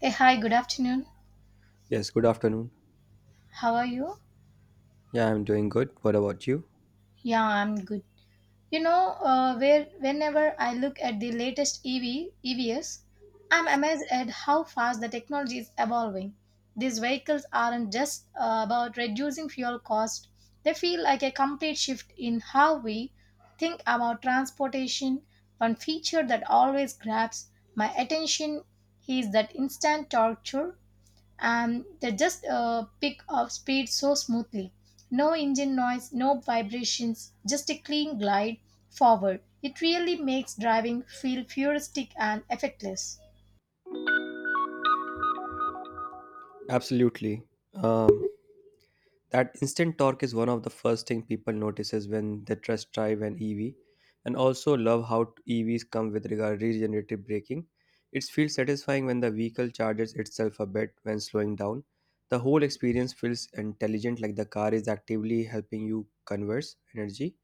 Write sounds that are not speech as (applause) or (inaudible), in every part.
Hey, hi, good afternoon. Yes, good afternoon. How are you? Yeah, I'm doing good. What about you? Yeah, I'm good. You know, where whenever I look at the latest EV EVs, I'm amazed at how fast the technology is evolving. These vehicles aren't just about reducing fuel cost; they feel like a complete shift in how we think about transportation. One feature that always grabs my attention is that instant torture, and they just pick up speed so smoothly. No engine noise, no vibrations, just a clean glide forward. It really makes driving feel futuristic and effortless. Absolutely. Um, That instant torque is one of the first thing people notices when they test drive an EV, and also love how EVs come with regard regenerative braking. It feels satisfying when the vehicle charges itself a bit when slowing down. The whole experience feels intelligent, like the car is actively helping you converse energy.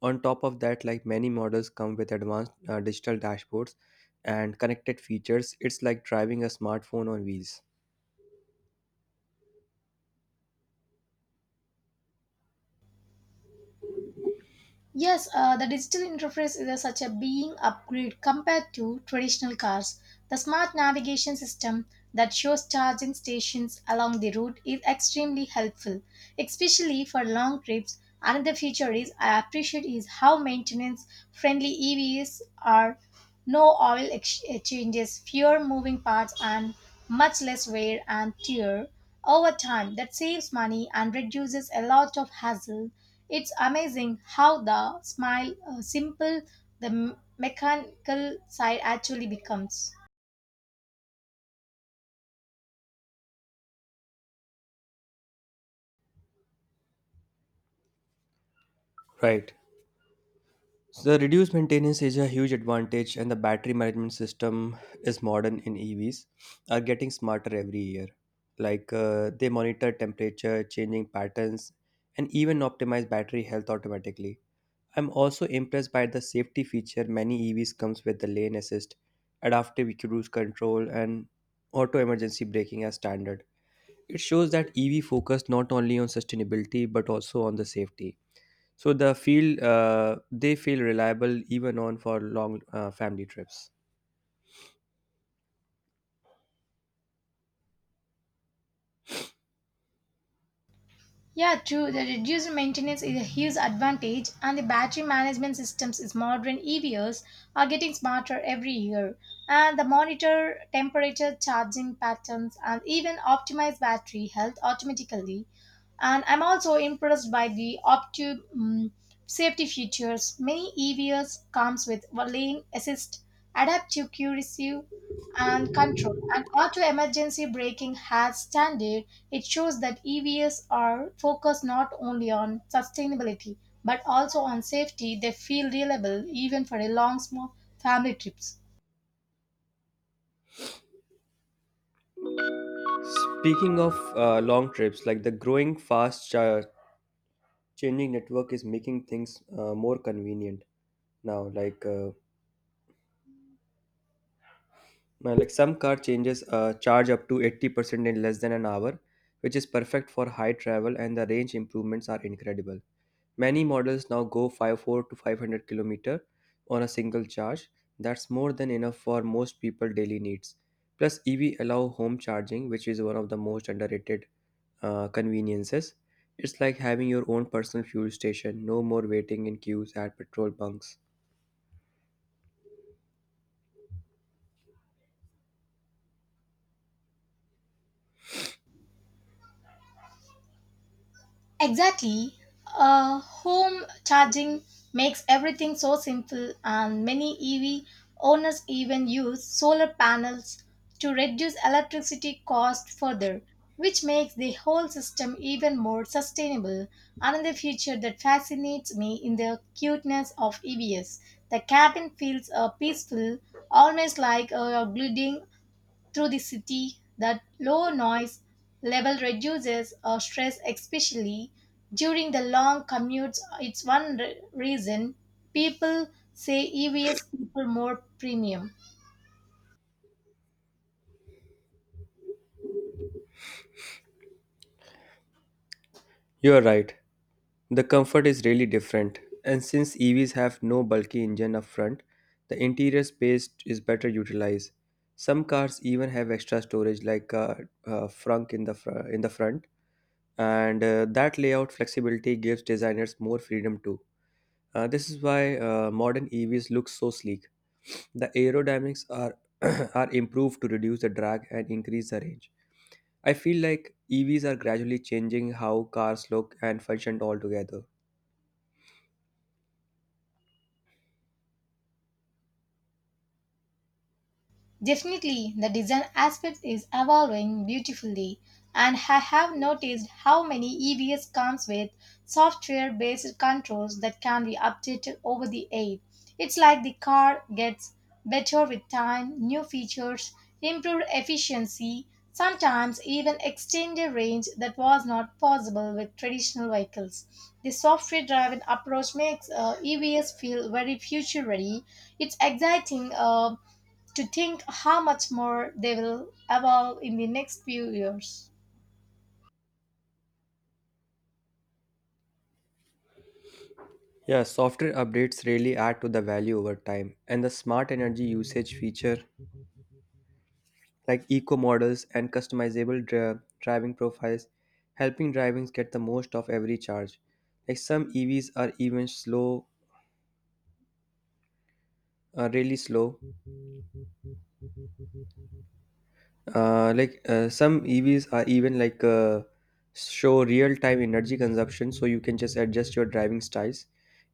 On top of that, like many models come with advanced digital dashboards and connected features. It's like driving a smartphone on wheels. Yes, the digital interface is a, such a being upgrade compared to traditional cars. The smart navigation system that shows charging stations along the route is extremely helpful, especially for long trips. Another feature is I appreciate is how maintenance friendly EVs are, no oil changes, fewer moving parts, and much less wear and tear over time. That saves money and reduces a lot of hassle. It's amazing how the simple the mechanical side actually becomes. Right. So the reduced maintenance is a huge advantage, and the battery management system is modern in EVs, are getting smarter every year. Like they monitor temperature, changing patterns, and even optimize battery health automatically. I'm also impressed by the safety feature many EVs comes with the lane assist, adaptive cruise control, and auto emergency braking as standard. It shows that EV focus not only on sustainability but also on the safety. So the feel they feel reliable even on for long family trips. Yeah, true. The reduced maintenance is a huge advantage, and the battery management systems is modern EVs are getting smarter every year. And the monitor temperature, charging patterns, and even optimize battery health automatically. And I'm also impressed by the safety features. Many EVs comes with lane assist, adaptive cruise, and control. And auto emergency braking has standard. It shows that EVs are focused not only on sustainability but also on safety. They feel reliable even for a long small family trips. Speaking of long trips, like the growing fast changing network is making things more convenient now. Like some car changes charge up to 80% in less than an hour, which is perfect for high travel, and the range improvements are incredible. Many models now go 54 to 500 kilometer on a single charge. That's more than enough for most people daily needs. Plus EV allow home charging, which is one of the most underrated conveniences. It's like having your own personal fuel station. No more waiting in queues at petrol bunks. Exactly. Home charging makes everything so simple, and many EV owners even use solar panels to reduce electricity cost further, which makes the whole system even more sustainable. Another feature that fascinates me in the cuteness of EVs, the cabin feels peaceful, almost like a building through the city. That low noise level reduces our stress, especially during the long commutes. It's one reason people say EVs people more premium. You're right. The comfort is really different, and since EVs have no bulky engine up front, the interior space is better utilized. Some cars even have extra storage, like a frunk in the in the front, and that layout flexibility gives designers more freedom too. This is why modern EVs look so sleek. The aerodynamics are (clears throat) are improved to reduce the drag and increase the range. I feel like EVs are gradually changing how cars look and function altogether. Definitely, the design aspect is evolving beautifully, and I have noticed how many EVs comes with software-based controls that can be updated over the air. It's like the car gets better with time, new features, improved efficiency, sometimes even extended range that was not possible with traditional vehicles. The software-driven approach makes EVs feel very future-ready. It's exciting to think how much more they will evolve in the next few years. Yeah, software updates really add to the value over time, and the smart energy usage feature, like eco models and customizable driving profiles, helping drivings get the most of every charge. Like some EVs are even slow. Some EVs are even show real-time energy consumption, so you can just adjust your driving styles.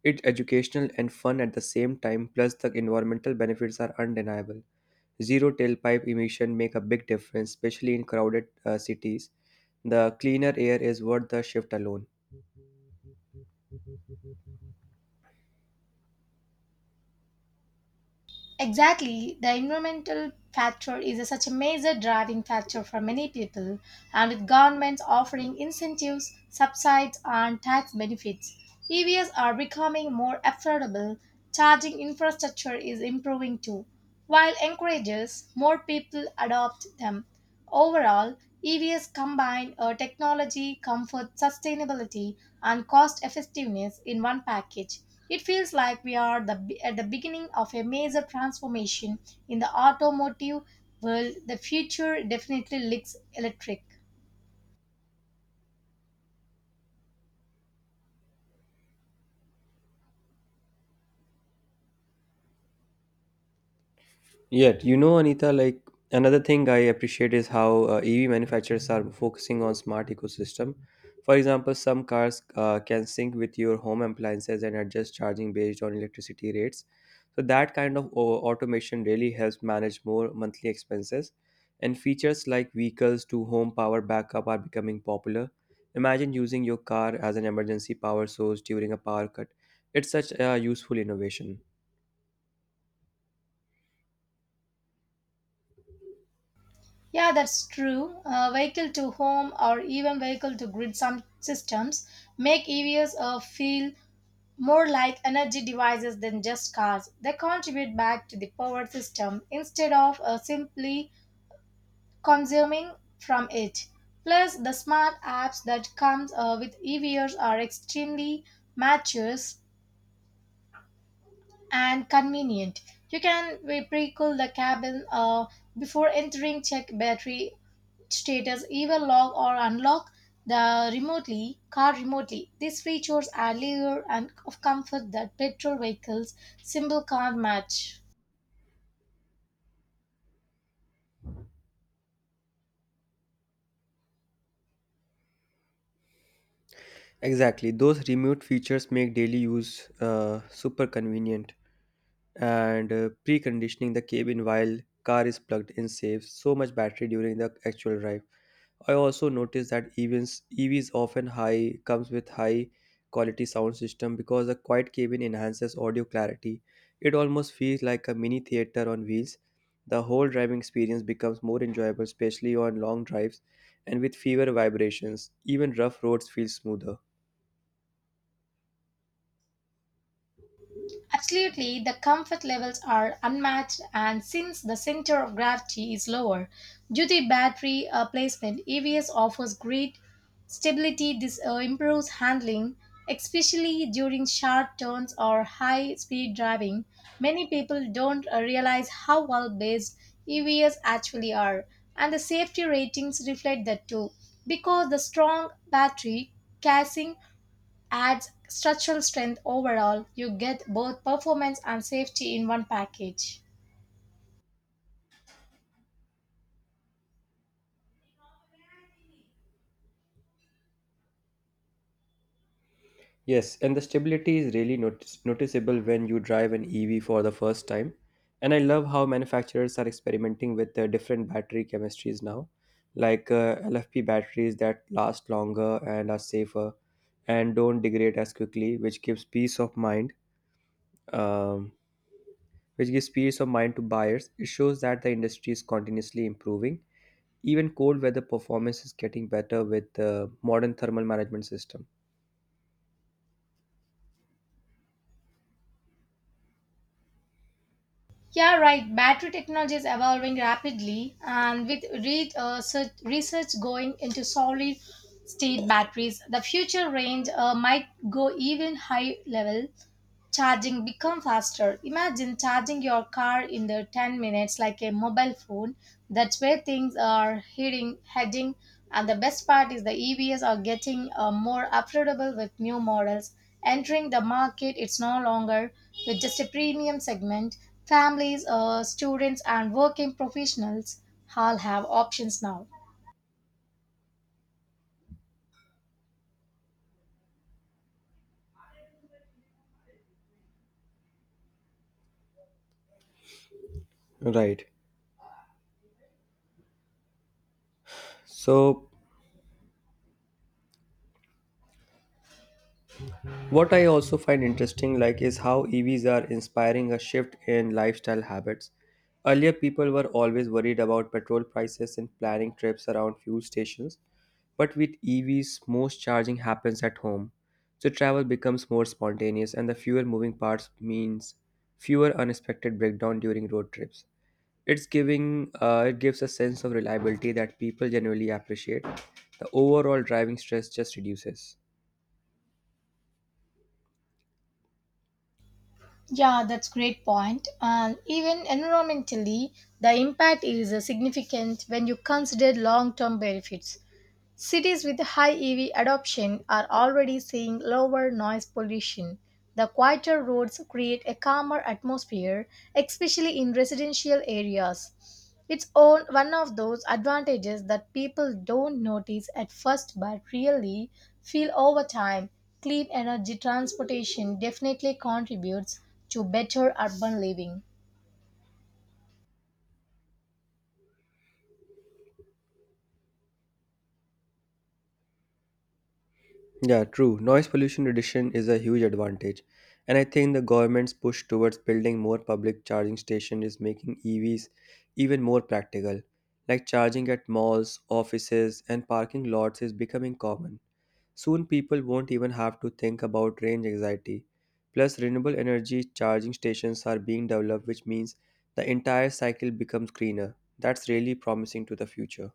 It's educational and fun at the same time. Plus, the environmental benefits are undeniable. Zero tailpipe emission make a big difference, especially in crowded cities. The cleaner air is worth the shift alone. Exactly, the environmental factor is such a major driving factor for many people, and with governments offering incentives, subsidies, and tax benefits, EVs are becoming more affordable. Charging infrastructure is improving too, while encourages more people adopt them. Overall, EVs combine technology, comfort, sustainability, and cost effectiveness in one package. It feels like we are the, at the beginning of a major transformation in the automotive world. The future definitely looks electric. Yet, you know, Anita, like another thing I appreciate is how EV manufacturers are focusing on smart ecosystem. For example, some cars can sync with your home appliances and adjust charging based on electricity rates. So that kind of automation really helps manage more monthly expenses. And features like vehicles to home power backup are becoming popular. Imagine using your car as an emergency power source during a power cut. It's such a useful innovation. Yeah, that's true. Vehicle to home or even vehicle to grid some systems make EVs feel more like energy devices than just cars, they contribute back to the power system instead of simply consuming from it. Plus, the smart apps that comes with EVs are extremely mature and convenient. You can pre-cool the cabin before entering, check battery status either lock or unlock the remotely car remotely. These features add layer and of comfort that petrol vehicles simple can't match. Exactly, those remote features make daily use super convenient, and preconditioning the cabin while car is plugged in saves so much battery during the actual drive. I also noticed that events EVs often high comes with high quality sound system because the quiet cabin enhances audio clarity. It almost feels like a mini theater on wheels. The whole driving experience becomes more enjoyable, especially on long drives and with fewer vibrations. Even rough roads feel smoother. Absolutely, the comfort levels are unmatched, and since the center of gravity is lower, due to battery placement, EVs offers great stability. This improves handling, especially during sharp turns or high speed driving. Many people don't realize how well based EVs actually are, and the safety ratings reflect that too. Because the strong battery, casing, adds structural strength overall. You get both performance and safety in one package. Yes, and the stability is really noticeable when you drive an EV for the first time. And I love how manufacturers are experimenting with different battery chemistries now, like LFP batteries that last longer and are safer and don't degrade as quickly, which gives peace of mind. Um, which gives peace of mind to buyers. It shows that the industry is continuously improving. Even cold weather performance is getting better with the modern thermal management system. Yeah, right. Battery technology is evolving rapidly, and with research going into solid state batteries, the future range might go even high level. Charging become faster, imagine charging your car in the 10 minutes like a mobile phone. That's where things are heading, and the best part is the EVs are getting more affordable with new models entering the market. It's no longer with just a premium segment. Families, students, and working professionals all have options now. Right. So what I also find interesting like is how EVs are inspiring a shift in lifestyle habits. Earlier people were always worried about petrol prices and planning trips around fuel stations, but with EVs most charging happens at home. So travel becomes more spontaneous, and the fewer moving parts means fewer unexpected breakdown during road trips. It's giving it gives a sense of reliability that people generally appreciate. The overall driving stress just reduces. Yeah, that's great point. And even environmentally, the impact is significant when you consider long-term benefits. Cities with high EV adoption are already seeing lower noise pollution. The quieter roads create a calmer atmosphere, especially in residential areas. It's all one of those advantages that people don't notice at first but really feel over time. Clean energy transportation definitely contributes to better urban living. Yeah, true. Noise pollution reduction is a huge advantage. And I think the government's push towards building more public charging stations is making EVs even more practical. Like charging at malls, offices, and parking lots is becoming common. Soon people won't even have to think about range anxiety. Plus, renewable energy charging stations are being developed, which means the entire cycle becomes greener. That's really promising to the future.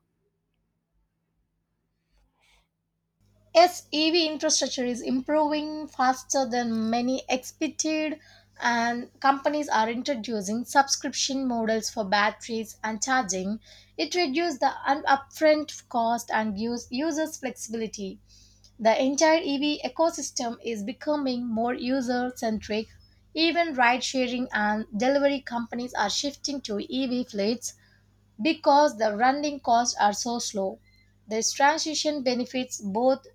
Yes, EV infrastructure is improving faster than many expected, and companies are introducing subscription models for batteries and charging. It reduces the upfront cost and gives users flexibility. The entire EV ecosystem is becoming more user centric. Even ride sharing and delivery companies are shifting to EV fleets because the running costs are so slow. This transition benefits both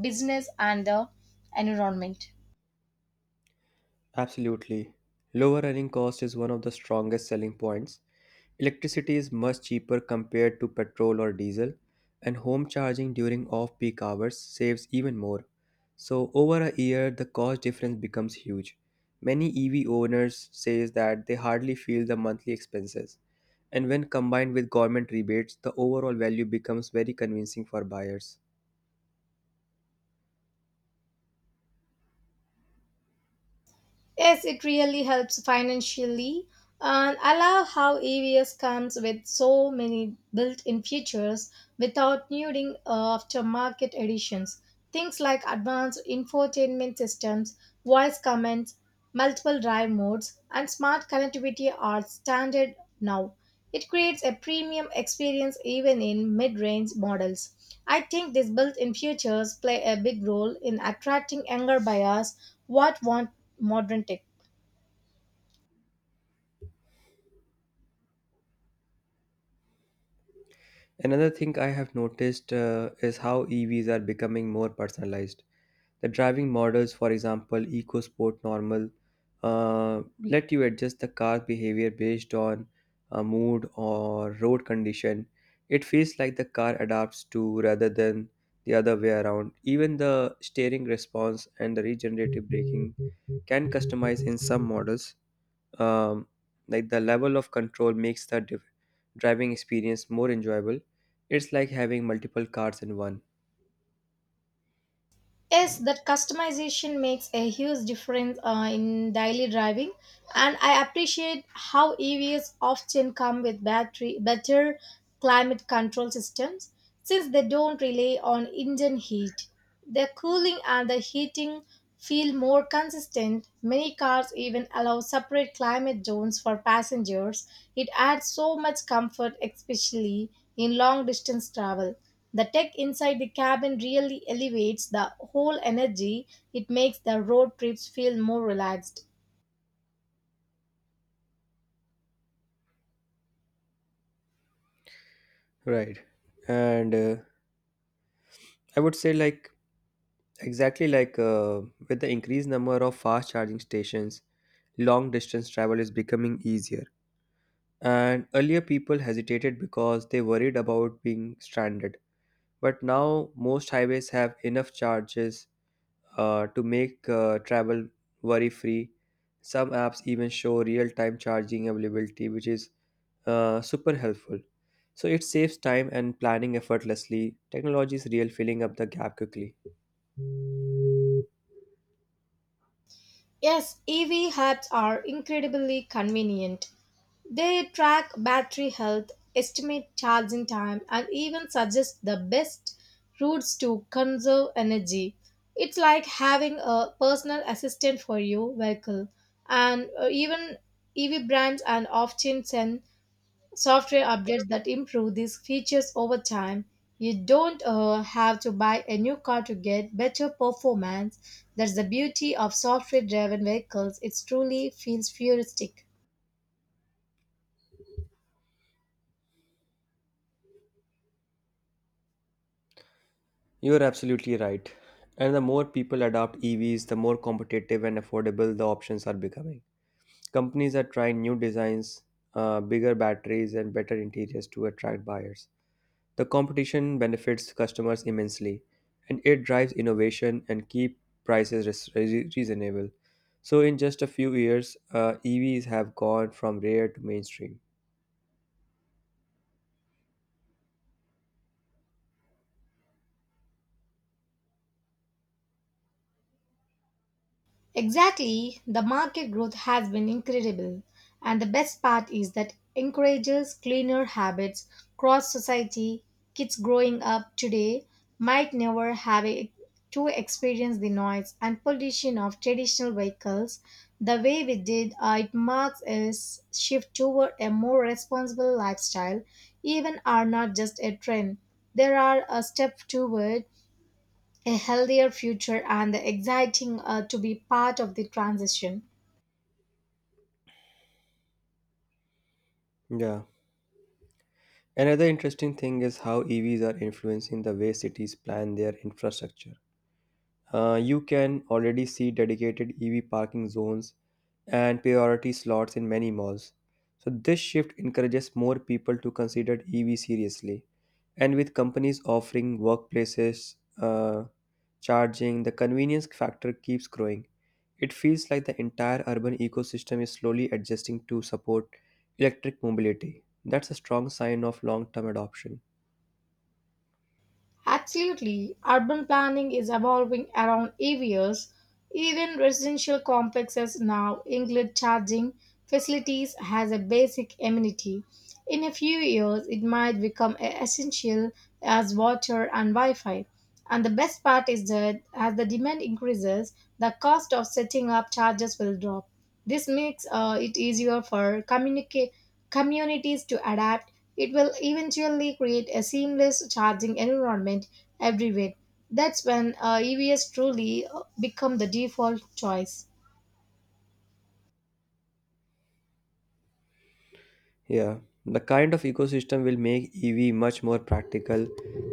business and the environment. Absolutely. Lower running cost is one of the strongest selling points. Electricity is much cheaper compared to petrol or diesel, and home charging during off peak hours saves even more. So, over a year, the cost difference becomes huge. Many EV owners say that they hardly feel the monthly expenses, and when combined with government rebates, the overall value becomes very convincing for buyers. Yes, it really helps financially. And I love how EVS comes with so many built-in features without needing aftermarket additions. Things like advanced infotainment systems, voice commands, multiple drive modes, and smart connectivity are standard now. It creates a premium experience even in mid range models. I think these built in features play a big role in attracting younger buyers what want modern tech. Another thing I have noticed is how EVs are becoming more personalized. The driving models, for example, EcoSport Normal, let you adjust the car behavior based on mood or road condition. It feels like the car adapts to rather than the other way around. Even the steering response and the regenerative braking can customize in some models. Um, like the level of control makes the driving experience more enjoyable. It's like having multiple cars in one. Yes, that customization makes a huge difference in daily driving, and I appreciate how EVs often come with battery better climate control systems since they don't rely on engine heat. Their cooling and the heating feel more consistent. Many cars even allow separate climate zones for passengers. It adds so much comfort, especially in long distance travel. The tech inside the cabin really elevates the whole energy. It makes the road trips feel more relaxed. Right. And I would say like Exactly like With the increased number of fast charging stations, long distance travel is becoming easier. And earlier people hesitated because they worried about being stranded. But now most highways have enough charges to make travel worry free. Some apps even show real time charging availability, which is super helpful. So it saves time and planning effortlessly. Technology is real filling up the gap quickly. Yes, EV hubs are incredibly convenient. They track battery health, estimate charging time, and even suggest the best routes to conserve energy. It's like having a personal assistant for your vehicle. And even EV brands and often send software updates that improve these features over time. You don't have to buy a new car to get better performance. That's the beauty of software driven vehicles. It truly feels futuristic. You're absolutely right. And the more people adopt EVs, the more competitive and affordable the options are becoming. Companies are trying new designs, bigger batteries, and better interiors to attract buyers. The competition benefits customers immensely, and it drives innovation and keep prices reasonable. So, in just a few years, EVs have gone from rare to mainstream. Exactly, the market growth has been incredible, and the best part is that encourages cleaner habits cross society. Kids growing up today might never have a, to experience the noise and pollution of traditional vehicles the way we did. It marks a shift toward a more responsible lifestyle. Even are not just a trend; they are a step toward a healthier future and exciting to be part of the transition. Yeah. Another interesting thing is how EVs are influencing the way cities plan their infrastructure. You can already see dedicated EV parking zones and priority slots in many malls. So, this shift encourages more people to consider EV seriously. And with companies offering workplaces, charging, the convenience factor keeps growing. It feels like the entire urban ecosystem is slowly adjusting to support electric mobility. That's a strong sign of long term adoption. Absolutely, urban planning is evolving around EVs. Even residential complexes now include charging facilities as a basic amenity. In a few years, it might become essential as water and Wi Fi. And the best part is that as the demand increases, the cost of setting up chargers will drop. This makes it easier for communities to adapt. It will eventually create a seamless charging environment everywhere. That's when EVs truly become the default choice. Yeah, the kind of ecosystem will make EV much more practical.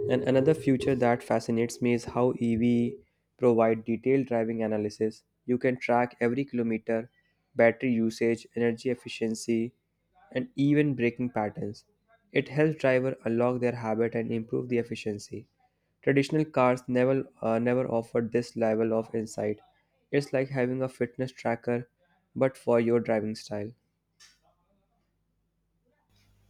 And another future that fascinates me is how EV provide detailed driving analysis. You can track every kilometer, battery usage, energy efficiency, and even braking patterns. It helps driver unlock their habit and improve the efficiency. Traditional cars never offered this level of insight. It's like having a fitness tracker but for your driving style.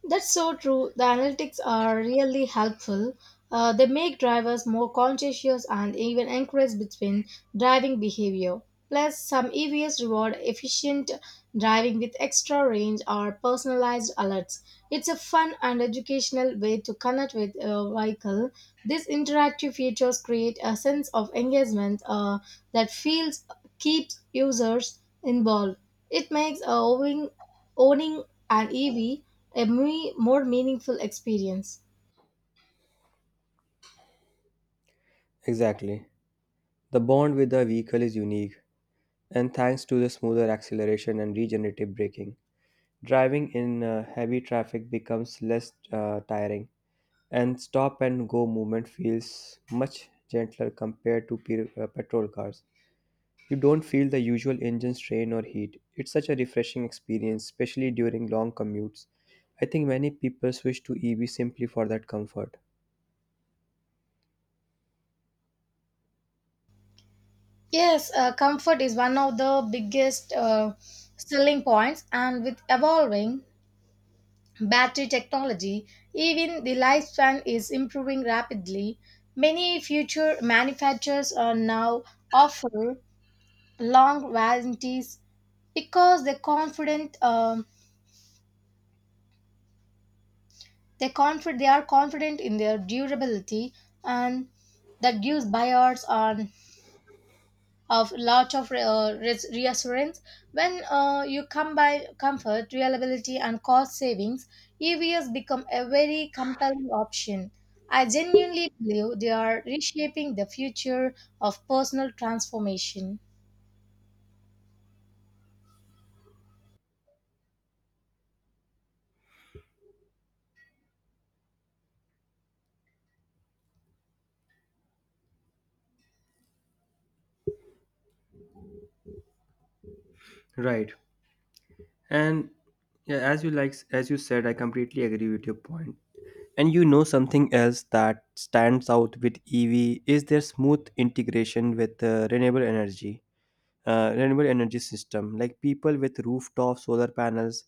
That's so true. The analytics are really helpful. They make drivers more conscientious and even encourage between driving behavior. Plus, some EVs reward efficient driving with extra range or personalized alerts. It's a fun and educational way to connect with a vehicle. These interactive features create a sense of engagement that feels keeps users involved. It makes owning an EV a more meaningful experience. Exactly. The bond with the vehicle is unique, and thanks to the smoother acceleration and regenerative braking, driving in heavy traffic becomes less tiring, and stop and go movement feels much gentler compared to petrol cars. You don't feel the usual engine strain or heat. It's such a refreshing experience, especially during long commutes. I think many people switch to EV simply for that comfort. Yes, comfort is one of the biggest selling points, and with evolving battery technology, even the lifespan is improving rapidly. Many future manufacturers are now offer long warranties because they're confident. They are confident in their durability, and that gives buyers are of lot of reassurance when you combine comfort reliability and cost savings, EVs become a very compelling option. I genuinely believe they are reshaping the future of personal transformation. Right. And yeah, as you like as you said, I completely agree with your point. And you know something else that stands out with EV is their smooth integration with renewable energy system, like people with rooftop solar panels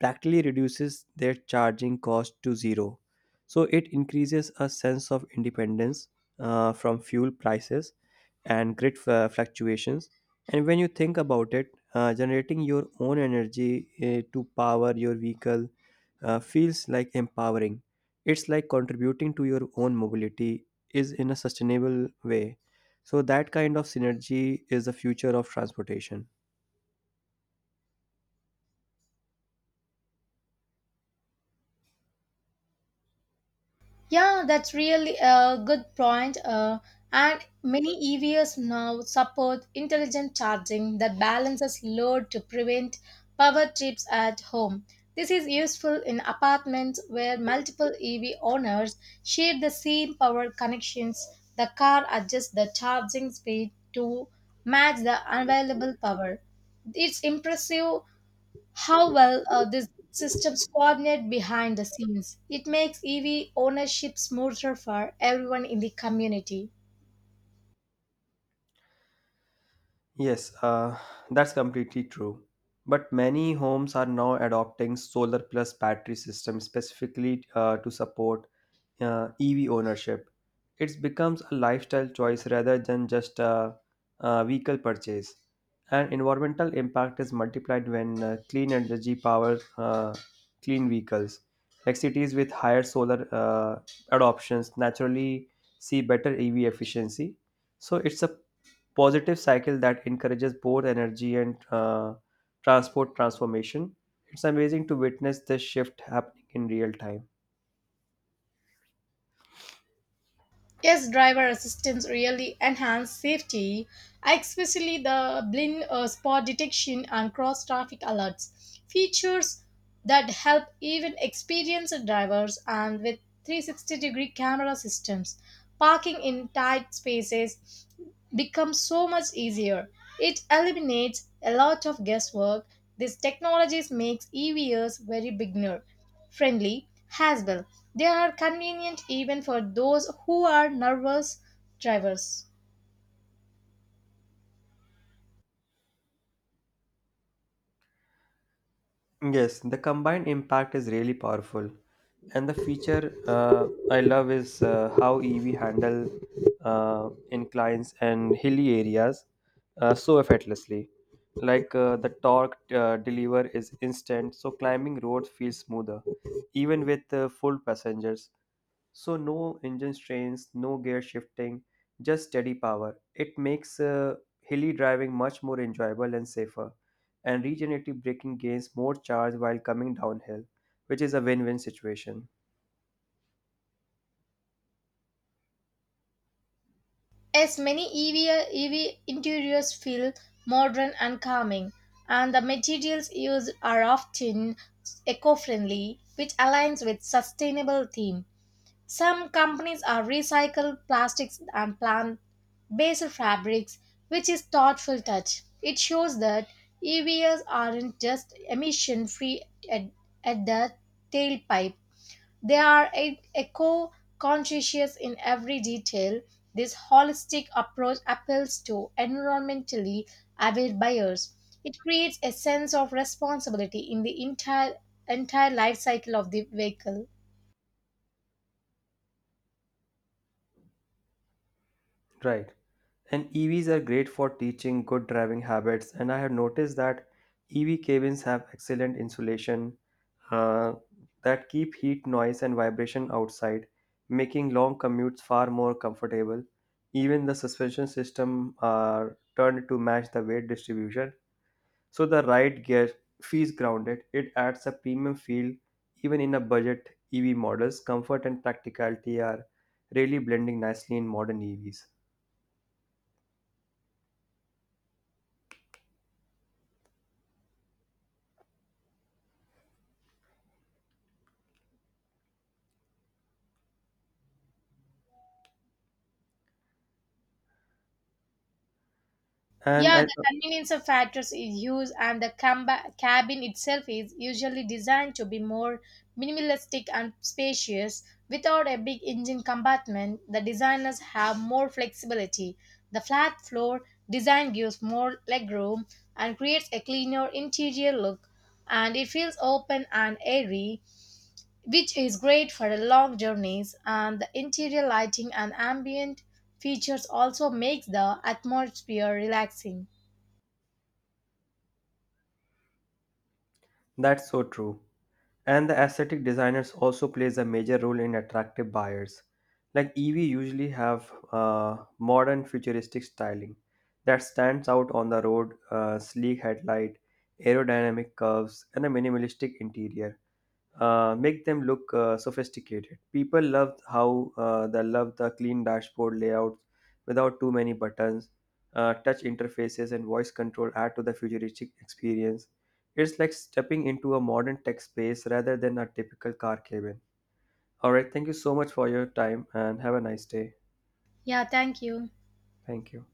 practically reduces their charging cost to zero. So it increases a sense of independence from fuel prices and grid fluctuations. And when you think about it, generating your own energy to power your vehicle feels like empowering. It's like contributing to your own mobility is in a sustainable way. So that kind of synergy is the future of transportation. Yeah, that's really a good point. And many EVs now support intelligent charging that balances load to prevent power trips at home. This is useful in apartments where multiple EV owners share the same power connections. The car adjusts the charging speed to match the available power. It's impressive how well these systems coordinate behind the scenes. It makes EV ownership smoother for everyone in the community. Yes, that's completely true. But many homes are now adopting solar plus battery systems specifically to support EV ownership. It becomes a lifestyle choice rather than a vehicle purchase. And environmental impact is multiplied when clean energy power clean vehicles. Like cities with higher solar adoptions naturally see better EV efficiency. So it's a positive cycle that encourages both energy and transport transformation. It's amazing to witness this shift happening in real time. Yes, driver assistance really enhanced safety, especially the blind spot detection and cross traffic alerts features that help even experienced drivers and with 360 degree camera systems. Parking in tight spaces becomes so much easier. It eliminates a lot of guesswork. This technology makes EVs very beginner friendly as well. They are convenient even for those who are nervous drivers. Yes, the combined impact is really powerful. And the feature I love is how EV handle inclines and hilly areas so effortlessly. Like the torque deliver is instant, so climbing roads feels smoother, even with full passengers. So no engine strains, no gear shifting, just steady power. It makes hilly driving much more enjoyable and safer, and regenerative braking gains more charge while coming downhill, which is a win win situation. As many EV interiors feel modern and calming, and the materials used are often eco-friendly, which aligns with sustainable theme. Some companies are recycled plastics and plant-based fabrics, which is thoughtful touch. It shows that EVs aren't just emission-free at, at the tailpipe. They are eco-conscious in every detail. This holistic approach appeals to environmentally aware buyers. It creates a sense of responsibility in the entire life cycle of the vehicle. Right. And EVs are great for teaching good driving habits, and I have noticed that EV cabins have excellent insulation uh, that keep heat, noise, and vibration outside, making long commutes far more comfortable. Even the suspension system are turned to match the weight distribution, so the ride gear feels grounded. It adds a premium feel even in a budget EV models. Comfort and practicality are really blending nicely in modern EVs. And Yeah, I, the convenience of factors is huge, and the cabin itself is usually designed to be more minimalistic and spacious. Without a big engine compartment, the designers have more flexibility. The flat floor design gives more legroom and creates a cleaner interior look, and it feels open and airy, which is great for the long journeys. And the interior lighting and ambient features also makes the atmosphere relaxing. that's so true. And the aesthetic designers also plays a major role in attractive buyers. Like EV usually have modern futuristic styling that stands out on the road. Sleek headlight, aerodynamic curves, and a minimalistic interior make them look sophisticated. People love how they love the clean dashboard layouts without too many buttons. Touch interfaces and voice control add to the futuristic experience. It's like stepping into a modern tech space rather than a typical car cabin. All right, thank you so much for your time and have a nice day. Yeah, thank you. Thank you.